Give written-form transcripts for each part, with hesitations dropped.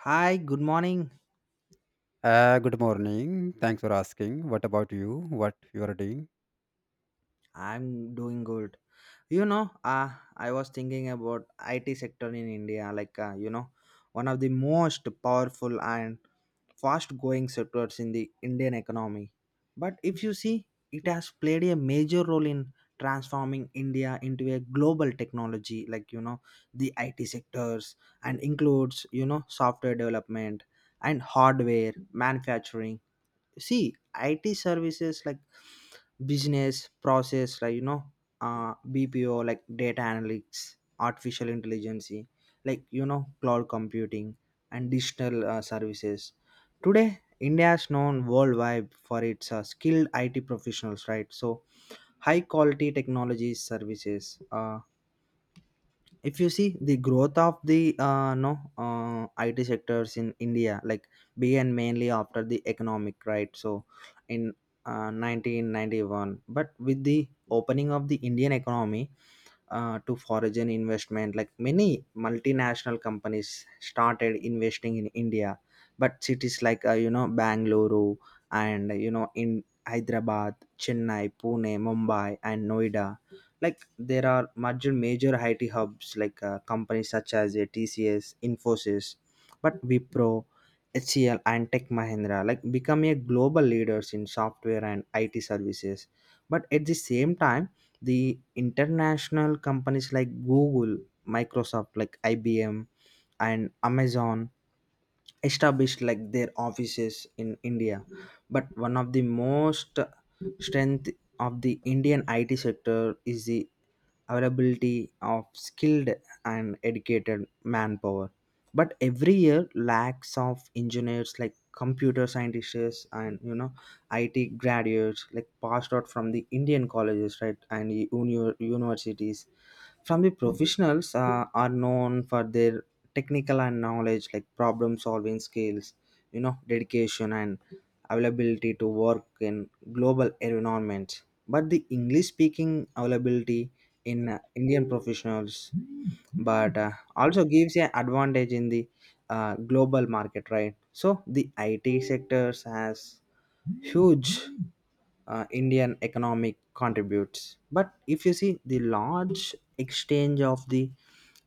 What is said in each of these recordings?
Hi, good morning. Good morning. Thanks for asking. What about you? What you are doing? I'm doing good. You know, uh, I was thinking about IT sector in India, one of the most powerful and fast-going sectors in the Indian economy. But if you see, it has played a major role in transforming India into a global technology, the IT sectors and includes software development and hardware manufacturing see it services like business process bpo like data analytics artificial intelligence cloud computing and digital services. Today india is known worldwide for its skilled it professionals, right? So high quality technology services. Uh, if you see the growth of the no IT sectors in India, like began mainly after the economic right, so in 1991. But with the opening of the Indian economy, to foreign investment, like many multinational companies started investing in india, but cities like bangalore and in hyderabad, chennai, pune, mumbai and noida, like there are major IT hubs like companies such as TCS, Infosys, but Wipro, HCL, and Tech Mahindra like become a global leaders in software and IT services. But at the same time the international companies like google, microsoft, like ibm and amazon established like their offices in india. But one of the most strength of the indian it sector is the availability of skilled and educated manpower, but every year lacks of engineers like computer scientists and IT graduates like passed out from the Indian colleges, right, and universities. From the professionals are known for their technical and knowledge, like problem solving skills, dedication and availability to work in global environments. But the English speaking availability in Indian professionals, but also gives an advantage in the global market, right? So the IT sectors has huge Indian economic contributes. But if you see the large exchange of the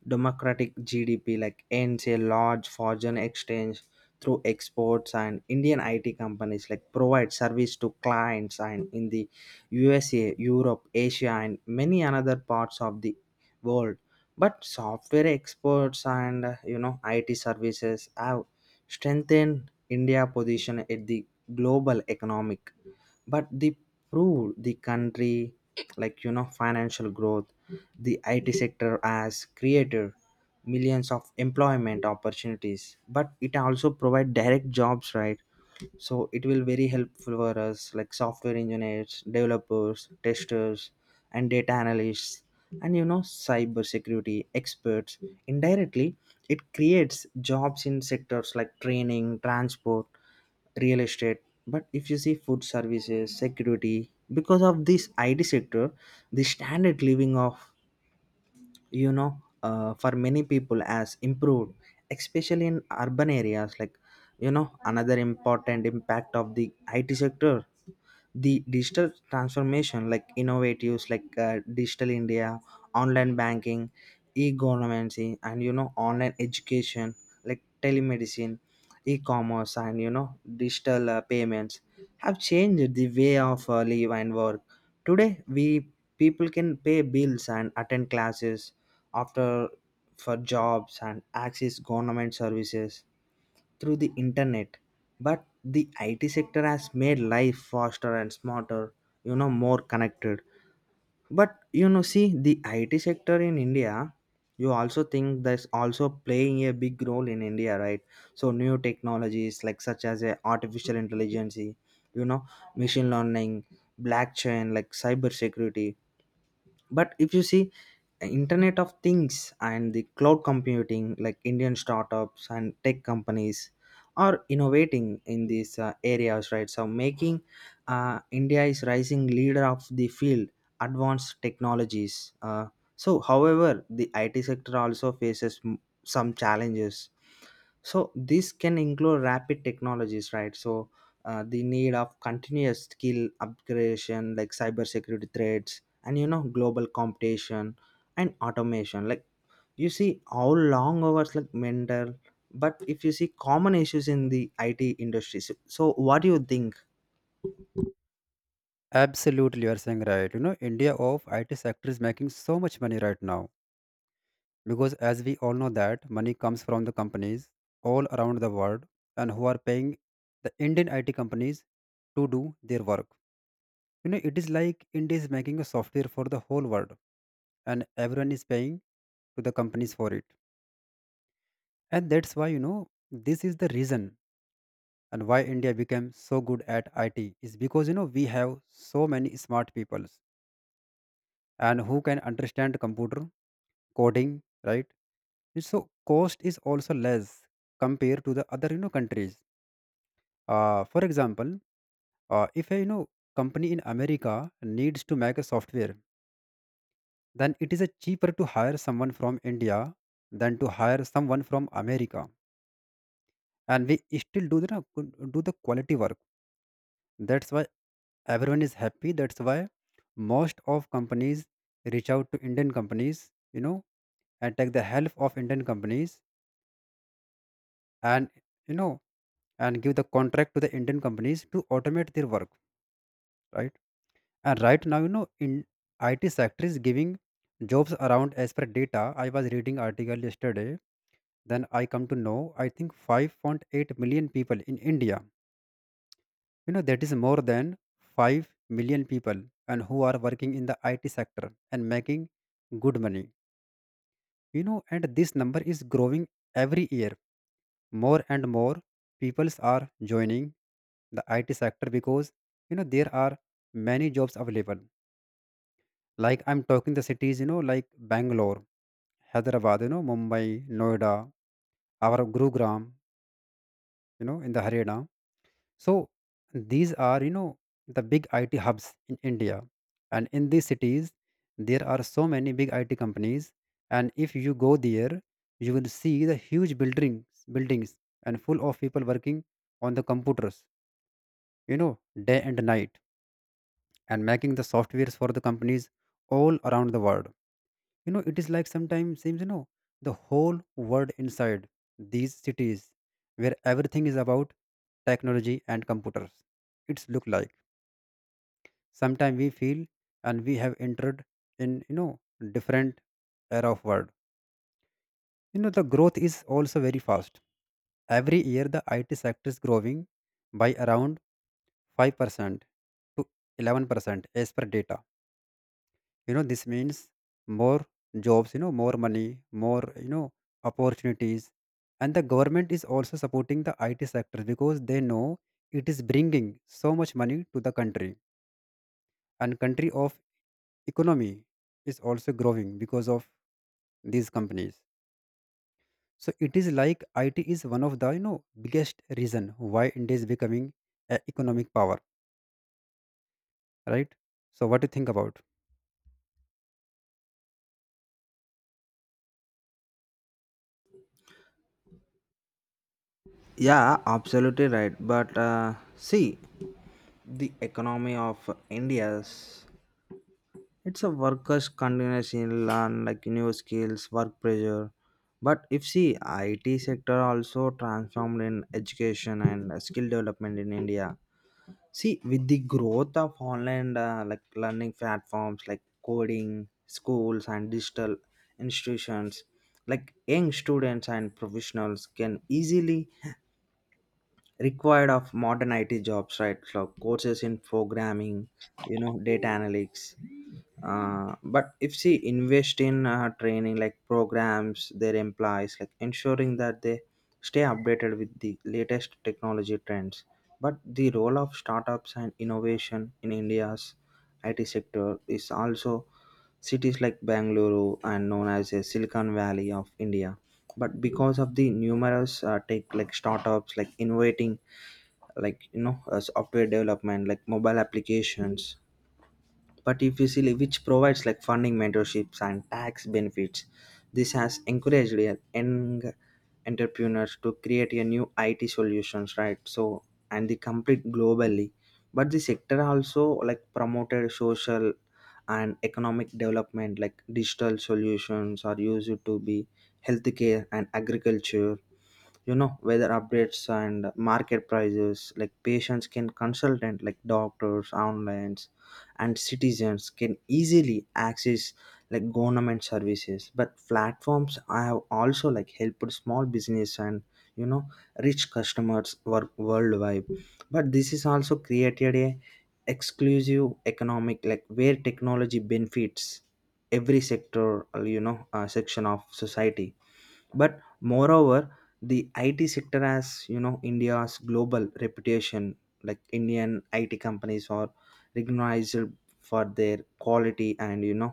democratic GDP, like ends a large foreign exchange through exports, and Indian IT companies like provide service to clients and in the USA, Europe, Asia and many another parts of the world. But software exports and IT services have strengthened India's position at the global economic, but they proved the country financial growth. The IT sector has created millions of employment opportunities, but it also provide direct jobs, right? So it will very helpful for us like software engineers, developers, testers and data analysts and cybersecurity experts. Indirectly it creates jobs in sectors like training, transport, real estate, but if you see food services security. Because of this it sector the standard living of for many people has improved, especially in urban areas. Like another important impact of the it sector, the digital transformation, like innovatives like digital india, online banking, e-governancy and online education, like telemedicine, e-commerce and digital payments have changed the way of live and work. Today, we people can pay bills and attend classes after for jobs and access government services through the internet. But the IT sector has made life faster and smarter, more connected. But see the it sector in india, you also think that's also playing a big role in india, right? So new technologies like such as a artificial intelligence, know machine learning, blockchain, like cyber security, but if you see internet of things and the cloud computing, like indian startups and tech companies are innovating in these areas, right? So making india is rising leader of the field advanced technologies. So however the it sector also faces some challenges. So this can include rapid technologies, right? So the need of continuous skill upgradation, like cybersecurity threats, and global competition and automation. Like you see how long hours like mental, but if you see common issues in the IT industry, so, so what do you think? Absolutely, you are saying right. You know, India of IT sector is making so much money right now because, as we all know, that money comes from the companies all around the world and who are paying the Indian IT companies to do their work. You know, it is like India is making a software for the whole world, and everyone is paying to the companies for it. And that's why you know this is the reason and why India became so good at IT is because you know we have so many smart peoples and who can understand computer coding, right? So cost is also less compared to the other you know countries. For example, if a you know company in America needs to make a software, then it is a cheaper to hire someone from India than to hire someone from America, and we still do the quality work. That's why everyone is happy, that's why most of companies reach out to Indian companies, you know, and take the help of Indian companies and you know and give the contract to the Indian companies to automate their work, right? And right now, you know, in IT sector is giving jobs around as per data, I was reading article yesterday, then I come to know, I think 5.8 million people in India, you know, that is more than 5 million people and who are working in the IT sector and making good money. You know, and this number is growing every year, more and more peoples are joining the IT sector because you know there are many jobs available, like I'm talking the cities, you know, like Bangalore, Hyderabad, you know, Mumbai, Noida, our Gurugram, you know, in the Haryana. So these are, you know, the big IT hubs in India. And in these cities, there are so many big IT companies. And if you go there, you will see the huge buildings, buildings and full of people working on the computers, you know, day and night and making the softwares for the companies all around the world. You know, it is like sometimes seems, you know, the whole world inside these cities, where everything is about technology and computers. It's look like sometimes we feel and we have entered in you know different era of world. You know, the growth is also very fast. Every year the IT sector is growing by around 5% to 11% as per data. You know, this means more jobs, you know, more money, more, you know, opportunities. And the government is also supporting the IT sector because they know it is bringing so much money to the country, and country of economy is also growing because of these companies. So it is like, it is one of the, you know, biggest reason why India is becoming an economic power, right? So what do you think about? Yeah, absolutely right. But see, the economy of India's, it's a worker's continuously learn like new skills, work pressure. But if see IT sector also transformed in education and skill development in India. See, with the growth of online like learning platforms like coding, schools and digital institutions, like young students and professionals can easily required of modern IT jobs, right? So courses in programming, data analytics. Uh, but if she invest in training like programs their employees, like ensuring that they stay updated with the latest technology trends, but the role of startups and innovation in india's it sector is also cities like bangalore and known as a silicon valley of india, but because of the numerous tech like startups like innovating like software development like mobile applications. But if you see like, which provides like funding, mentorships and tax benefits, this has encouraged a young entrepreneurs to create a new it solutions, right? So and they compete globally, but the sector also like promoted social and economic development, like digital solutions are used to be healthcare and agriculture, weather updates and market prices like patients can consult and like doctors online and citizens can easily access like government services, but platforms have also like helped small business and you know rich customers work worldwide. But this is also created a exclusive economic like where technology benefits every sector, section of society. But moreover the it sector as you know india's global reputation like indian it companies are recognized for their quality and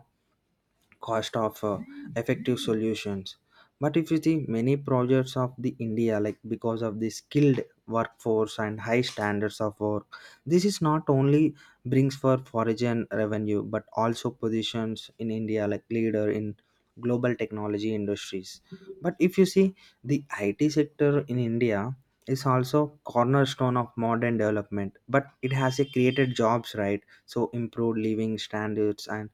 cost of effective solutions. But if you see many projects of the india like because of the skilled workforce and high standards of work, this is not only brings for foreign revenue but also positions in india like leader in global technology industries. But if you see the it sector in india is also cornerstone of modern development, but it has a created jobs, right? So improved living standards and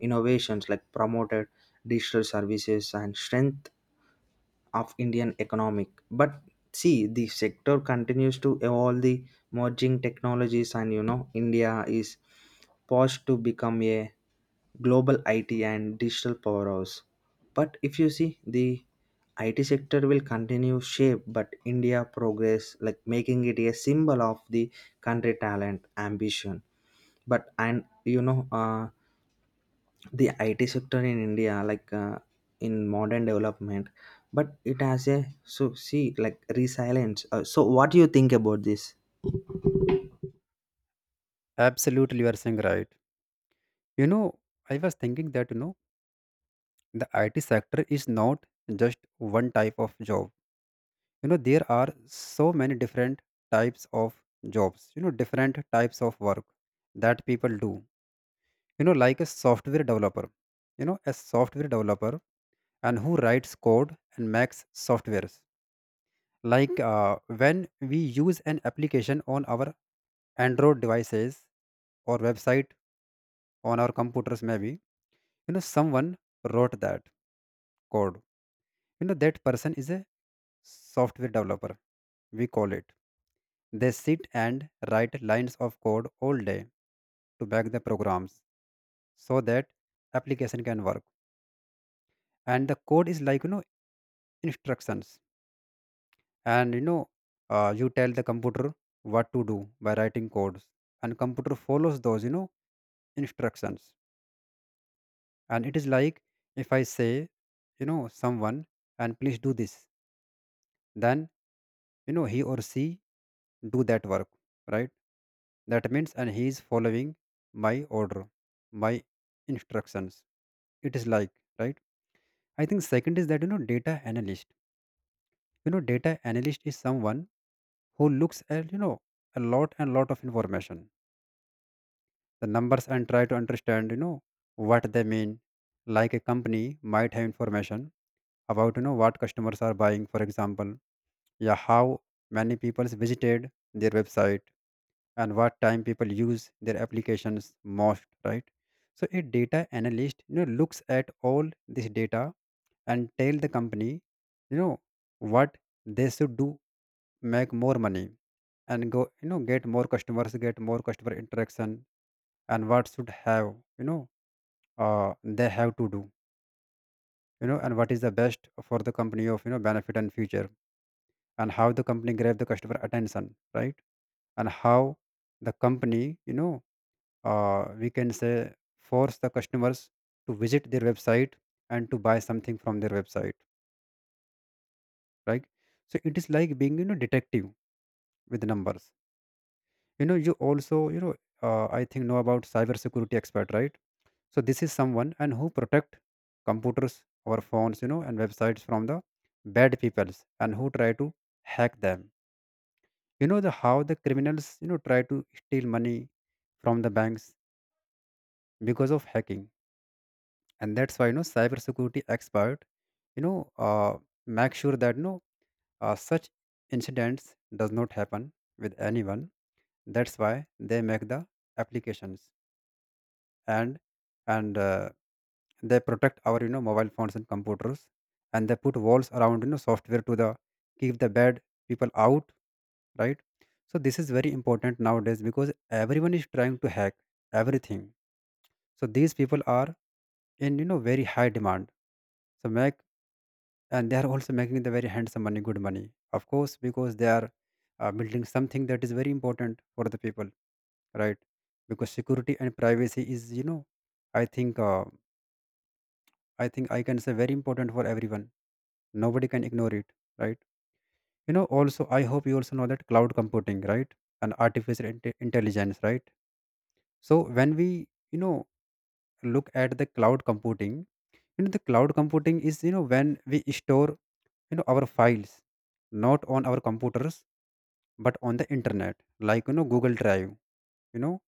innovations like promoted digital services and strength of Indian economic. But see, the sector continues to evolve the merging technologies, and India is poised to become a global IT and digital powerhouse. But if you see, the IT sector will continue shape, but India progress like making it a symbol of the country talent ambition. But and you know, the IT sector in India, like in modern development, but it has a so see like resilience. So, what do you think about this? Absolutely, you are saying right. You know, I was thinking that you know the IT sector is not just one type of job. You know, there are so many different types of jobs, you know, different types of work that people do. You know, like a software developer, you know, a software developer and who writes code and makes softwares. Like when we use an application on our Android devices or website on our computers, maybe you know someone wrote that code. You know, that person is a software developer, we call it. They sit and write lines of code all day to back the programs so that application can work. And the code is like, you know, instructions, and you know, you tell the computer what to do by writing codes, and computer follows those, you know, instructions. And it is like, if I say, you know, someone and please do this, then you know he or she do that work, right? That means and he is following my order, my instructions. It is like, right? I think second is that you know data analyst. You know, data analyst is someone who looks at, you know, a lot and lot of information, the numbers, and try to understand, you know, what they mean. Like a company might have information about, you know, what customers are buying, for example, yeah, how many people visited their website, and what time people use their applications most, right? So a data analyst, you know, looks at all this data and tell the company, you know, what they should do, make more money, and go, you know, get more customers, get more customer interaction, and what should have, you know, they have to do, you know, and what is the best for the company of, you know, benefit and future, and how the company grab the customer attention, right? And how the company, you know, we can say, force the customers to visit their website and to buy something from their website, right? So it is like being, you know, detective with numbers. You know, I think know about cyber security expert, right? So this is someone and who protect computers, our phones, you know, and websites from the bad peoples and who try to hack them. You know the how the criminals, you know, try to steal money from the banks because of hacking. And that's why, you know, cybersecurity expert, you know, uh, make sure that no such incidents does not happen with anyone. That's why they make the applications and and uh, they protect our, you know, mobile phones and computers, and they put walls around, you know, software to the keep the bad people out, right? So this is very important nowadays because everyone is trying to hack everything. So these people are in, you know, very high demand. So make and they are also making the very handsome money, good money, of course, because they are building something that is very important for the people, right? Because security and privacy is, you know, i think uh, I think I can say very important for everyone. Nobody can ignore it, right? You know, also, I hope you also know that cloud computing, right? And intelligence, right? So when we, you know, look at the cloud computing, you know, the cloud computing is, you know, when we store, you know, our files, not on our computers, but on the internet, like, you know, Google Drive, you know,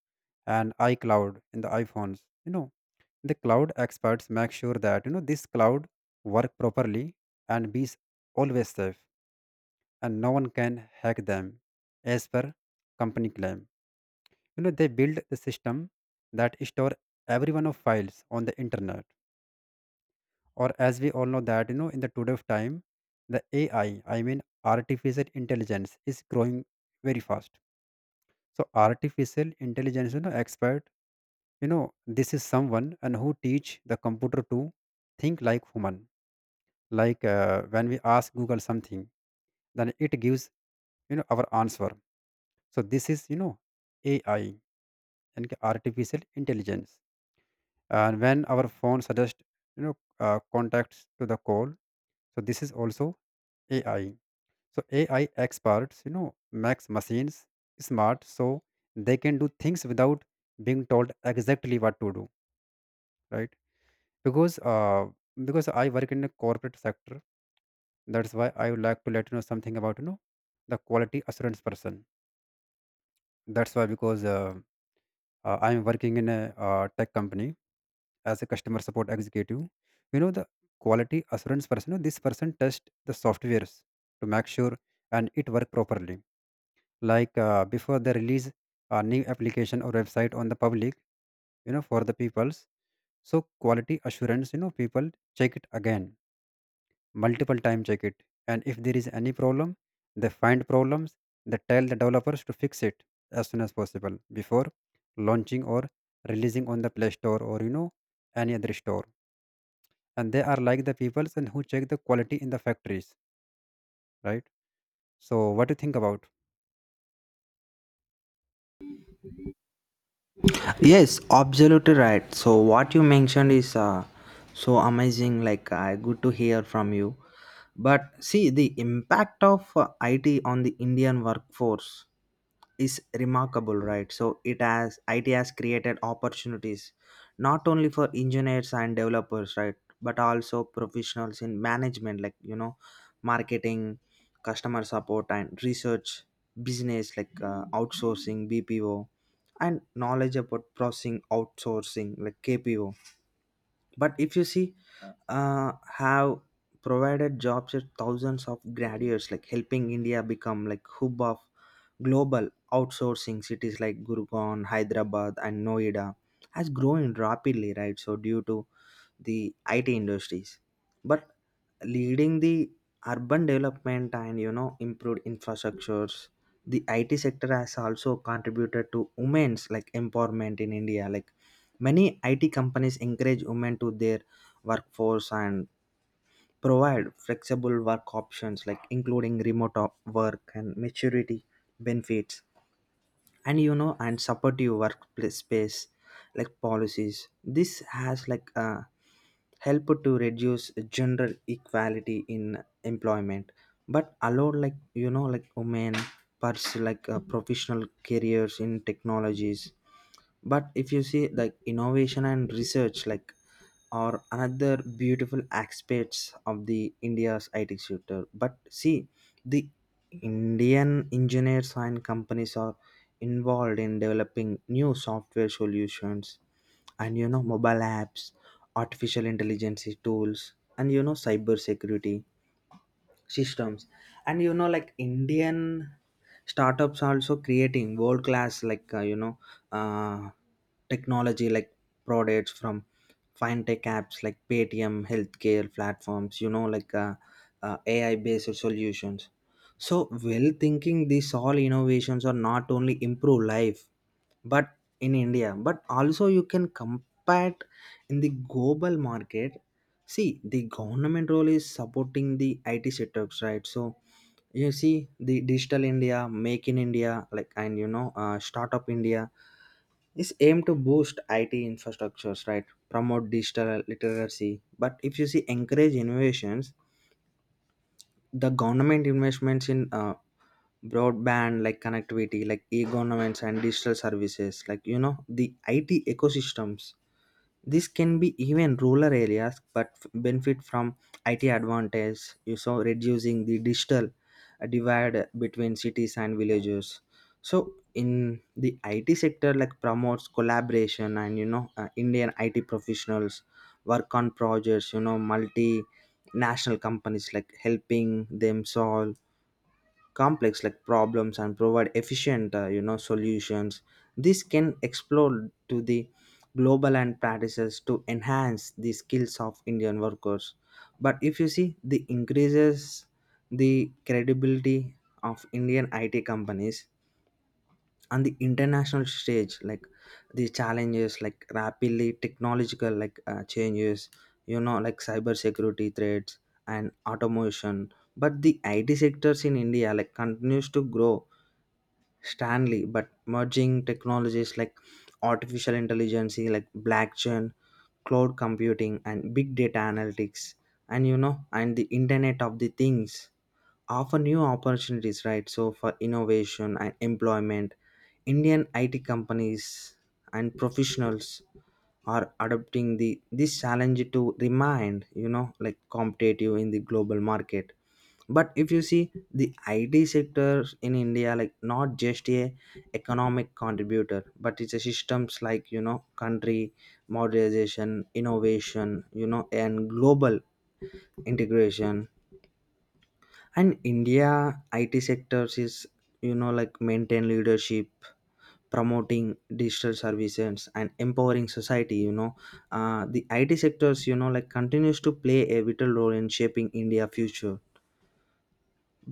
and iCloud in the iPhones. You know, the cloud experts make sure that you know this cloud work properly and always safe, and no one can hack them, as per company claim. You know, they build the system that store every one of files on the internet. Or as we all know that you know in the today of time, the AI, I mean artificial intelligence, is growing very fast. So artificial intelligence, you know, expert, you know, this is someone and who teach the computer to think like human. Like when we ask Google something, then it gives, you know, our answer. So this is, you know, AI and artificial intelligence. And when our phone suggests, you know, contacts to the call, so this is also AI. So AI experts, you know, makes machines smart so they can do things without being told exactly what to do, right? Because uh, because I work in a corporate sector. That's why I would like to let you know something about, you know, the quality assurance person. That's why because I'm working in a tech company as a customer support executive. You know the quality assurance person. You know, this person test the softwares to make sure and it work properly. Like before they release a new application or website on the public, you know, for the peoples. So quality assurance, people check it again multiple time, check it, and if there is any problem they find problems, they tell the developers to fix it as soon as possible before launching or releasing on the play store or any other store. And they are like the peoples and who check the quality in the factories, right? So what do you think about? Yes, absolutely right. So, what you mentioned is so amazing. Like, good to hear from you. But see, the impact of IT on the Indian workforce is remarkable, right? So IT has created opportunities not only for engineers and developers, right, but also professionals in management, marketing, customer support, and research, business like outsourcing, BPO, and knowledge about processing outsourcing like KPO. But if you see have provided jobs to thousands of graduates, like helping india become like hub of global outsourcing. Cities like gurgaon, hyderabad and noida has grown rapidly, right? So due to the it industries, but leading the urban development and improved infrastructures. The it sector has also contributed to women's like empowerment in india, like many it companies encourage women to their workforce and provide flexible work options, like including remote work and maturity benefits and and supportive workplace space like policies. This has like help to reduce gender equality in employment, but allow like like women pursue like professional careers in technologies. But if you see like innovation and research like are another beautiful aspects of the india's it sector, but see the indian engineers and companies are involved in developing new software solutions and mobile apps, artificial intelligence tools and cyber security systems. And like indian startups are also creating world class, like uh, technology like products from fintech apps like paytm, healthcare platforms, ai based solutions. So well thinking these all innovations are not only improve life but in india but also you can compare in the global market. See, the government role is supporting the IT setups, right? So you see the digital India, make in India, like and startup India is aimed to boost IT infrastructures, right? Promote digital literacy. But if you see encourage innovations, the government investments in broadband like connectivity, like e-governments and digital services, like the it ecosystems. This can be even rural areas but benefit from it advantage, you saw reducing the digital divide between cities and villages. So in the it sector like promotes collaboration and indian it professionals work on projects, multinational companies, like helping them solve complex like problems and provide efficient solutions. This can explore to the global and practices to enhance the skills of indian workers, but if you see the increases the credibility of indian it companies on the international stage, like the challenges like rapidly technological like changes, like cyber security threats and automation, but the it sectors in india like continues to grow strongly. But merging technologies like artificial intelligence, like blockchain, cloud computing and big data analytics and and the internet of the things offer new opportunities, right? So for innovation and employment, Indian IT companies and professionals are adopting the this challenge to remain, like competitive in the global market. But if you see the IT sector in India, like not just a economic contributor, but it's a systems like country modernization, innovation, and global integration. And India IT sectors is like maintain leadership, promoting digital services and empowering society. The it sectors like continues to play a vital role in shaping india future.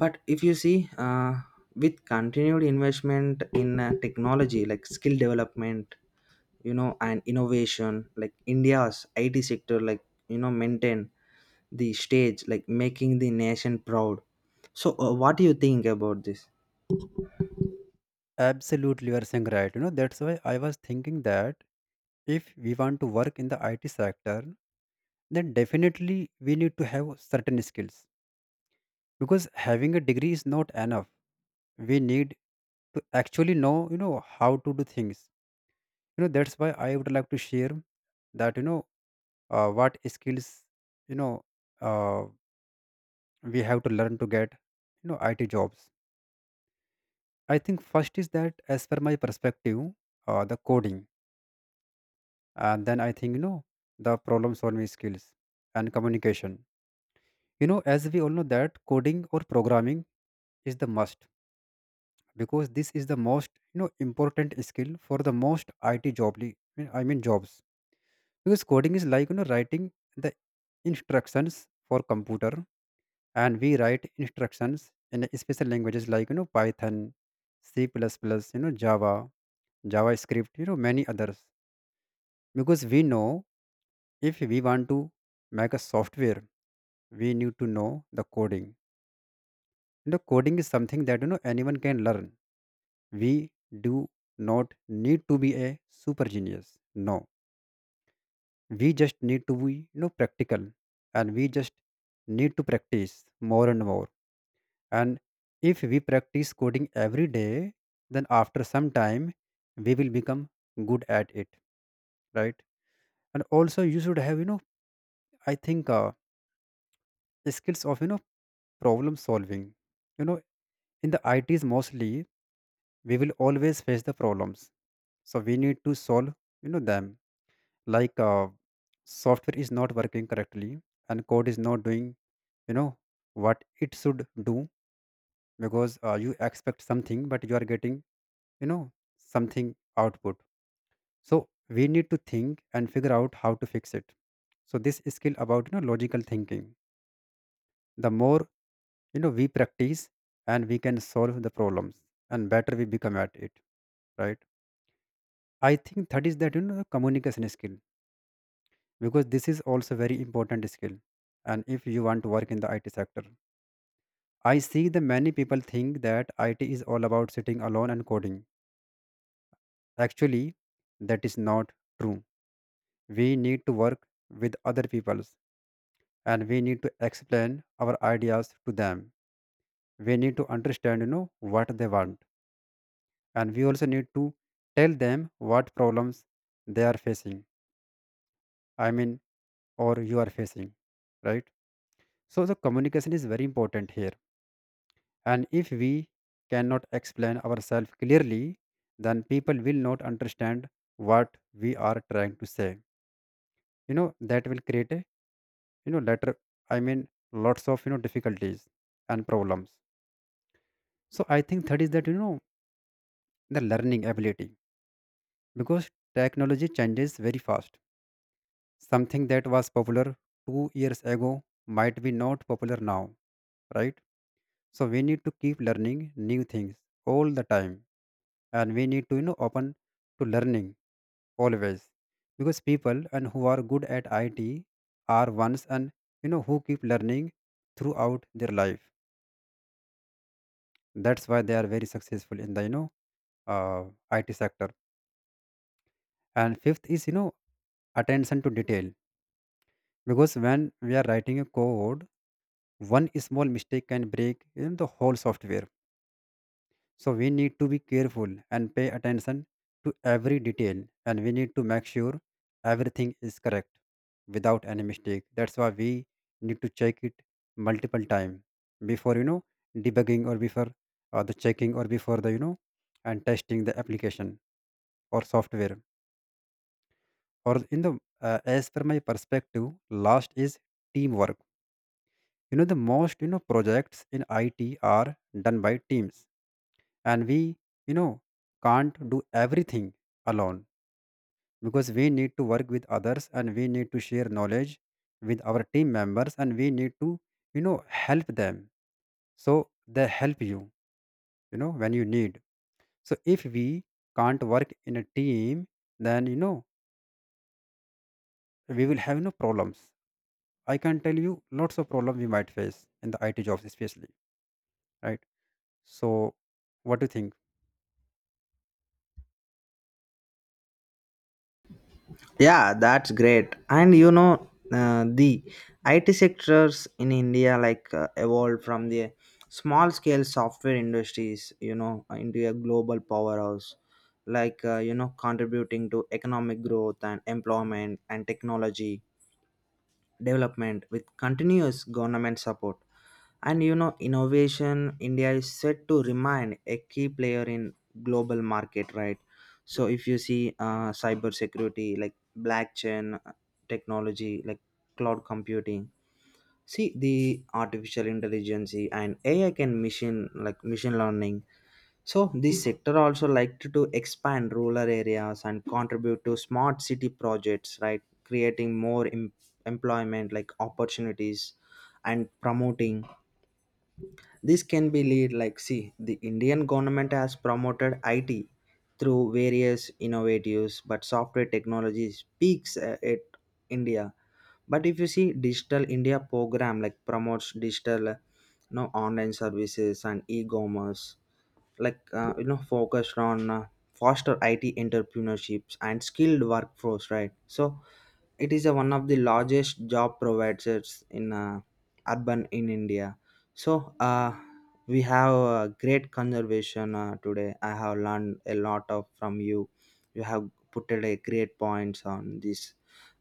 But if you see uh, with continued investment in technology like skill development, and innovation like india's it sector like maintain the stage, like making the nation proud. So what do you think about this? Absolutely, you are saying right, that's why I was thinking that if we want to work in the IT sector, then definitely we need to have certain skills because having a degree is not enough. We need to actually know, how to do things. That's why I would like to share that, what skills, you know uh, we have to learn to get, IT jobs. I think first is that, as per my perspective, the coding, and then I think, the problem solving skills and communication. As we all know that coding or programming is the must because this is the most, important skill for the most IT jobs because coding is like, writing the instructions for computer. And we write instructions in a special languages like, python, c++, java, javascript, many others. Because we know, if we want to make a software, we need to know the coding. Coding is something that, anyone can learn. We do not need to be a super genius. No, we just need to be, practical, and we just need to practice more and more. And if we practice coding every day, then after some time we will become good at it, right? And also you should have, I think, skills of, problem solving. you know in the its mostly we will always face the problems, so we need to solve, them. Like, software is not working correctly and code is not doing, you know what it should do. Because you expect something but you are getting, you know something output. So we need to think and figure out how to fix it. So this skill about, logical thinking, the more, we practice and we can solve the problems, and better we become at it, right? I think that is that, communication skill, because this is also very important skill. And if you want to work in the IT sector, I see the many people think that IT is all about sitting alone and coding. Actually, that is not true. We need to work with other peoples and we need to explain our ideas to them. We need to understand, what they want, and we also need to tell them what problems they are facing I mean or you are facing, right? So the communication is very important here. And if we cannot explain ourselves clearly, then people will not understand what we are trying to say. That will create a, later, lots of, difficulties and problems. So I think third is that, the learning ability, because technology changes very fast. Something that was popular 2 years ago might be not popular now, right? So we need to keep learning new things all the time, and we need to, open to learning always, because people and who are good at IT are ones and, who keep learning throughout their life. That's why they are very successful in the, uh, IT sector. And fifth is, attention to detail, because when we are writing a code, one small mistake can break, the whole software. So we need to be careful and pay attention to every detail, and we need to make sure everything is correct without any mistake. That's why we need to check it multiple time before, debugging, or before, the checking, or before the, and testing the application or software. Or in the, as per my perspective, last is teamwork. The most, projects in IT are done by teams, and we, you know can't do everything alone, because we need to work with others and we need to share knowledge with our team members, and we need to, you know help them, so they help you, you know when you need. So if we can't work in a team, then, we will have no problems, I can tell you, lots of problems we might face in the IT jobs especially, right? So what do you think? Yeah, that's great. And the IT sectors in India like evolved from the small scale software industries, into a global powerhouse, like, contributing to economic growth and employment and technology development with continuous government support. And innovation India is set to remain a key player in global market, right? So if you see cyber security, like blockchain technology, like cloud computing, see the artificial intelligence and AI can machine machine learning. So this sector also liked to expand rural areas and contribute to smart city projects, right? Creating employment like opportunities and promoting. This can be lead, like see the Indian government has promoted IT through various innovatives, but software technology speaks at India. But if you see digital india program like promotes digital online services and e-commerce, like focused on foster it entrepreneurships and skilled workforce, right? So it is a one of the largest job providers in urban in India. So we have a great conservation today. I have learned a lot of from you. You have put a great points on these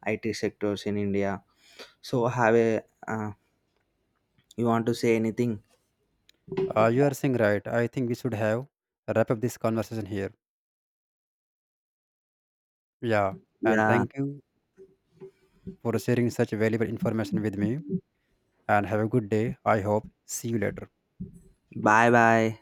IT sectors in India. So have a uh, you want to say anything? You are saying right. I think we should have wrap up this conversation here. Yeah, and Yeah. thank you for sharing such valuable information with me. And have a good day. I hope. See you later. Bye bye.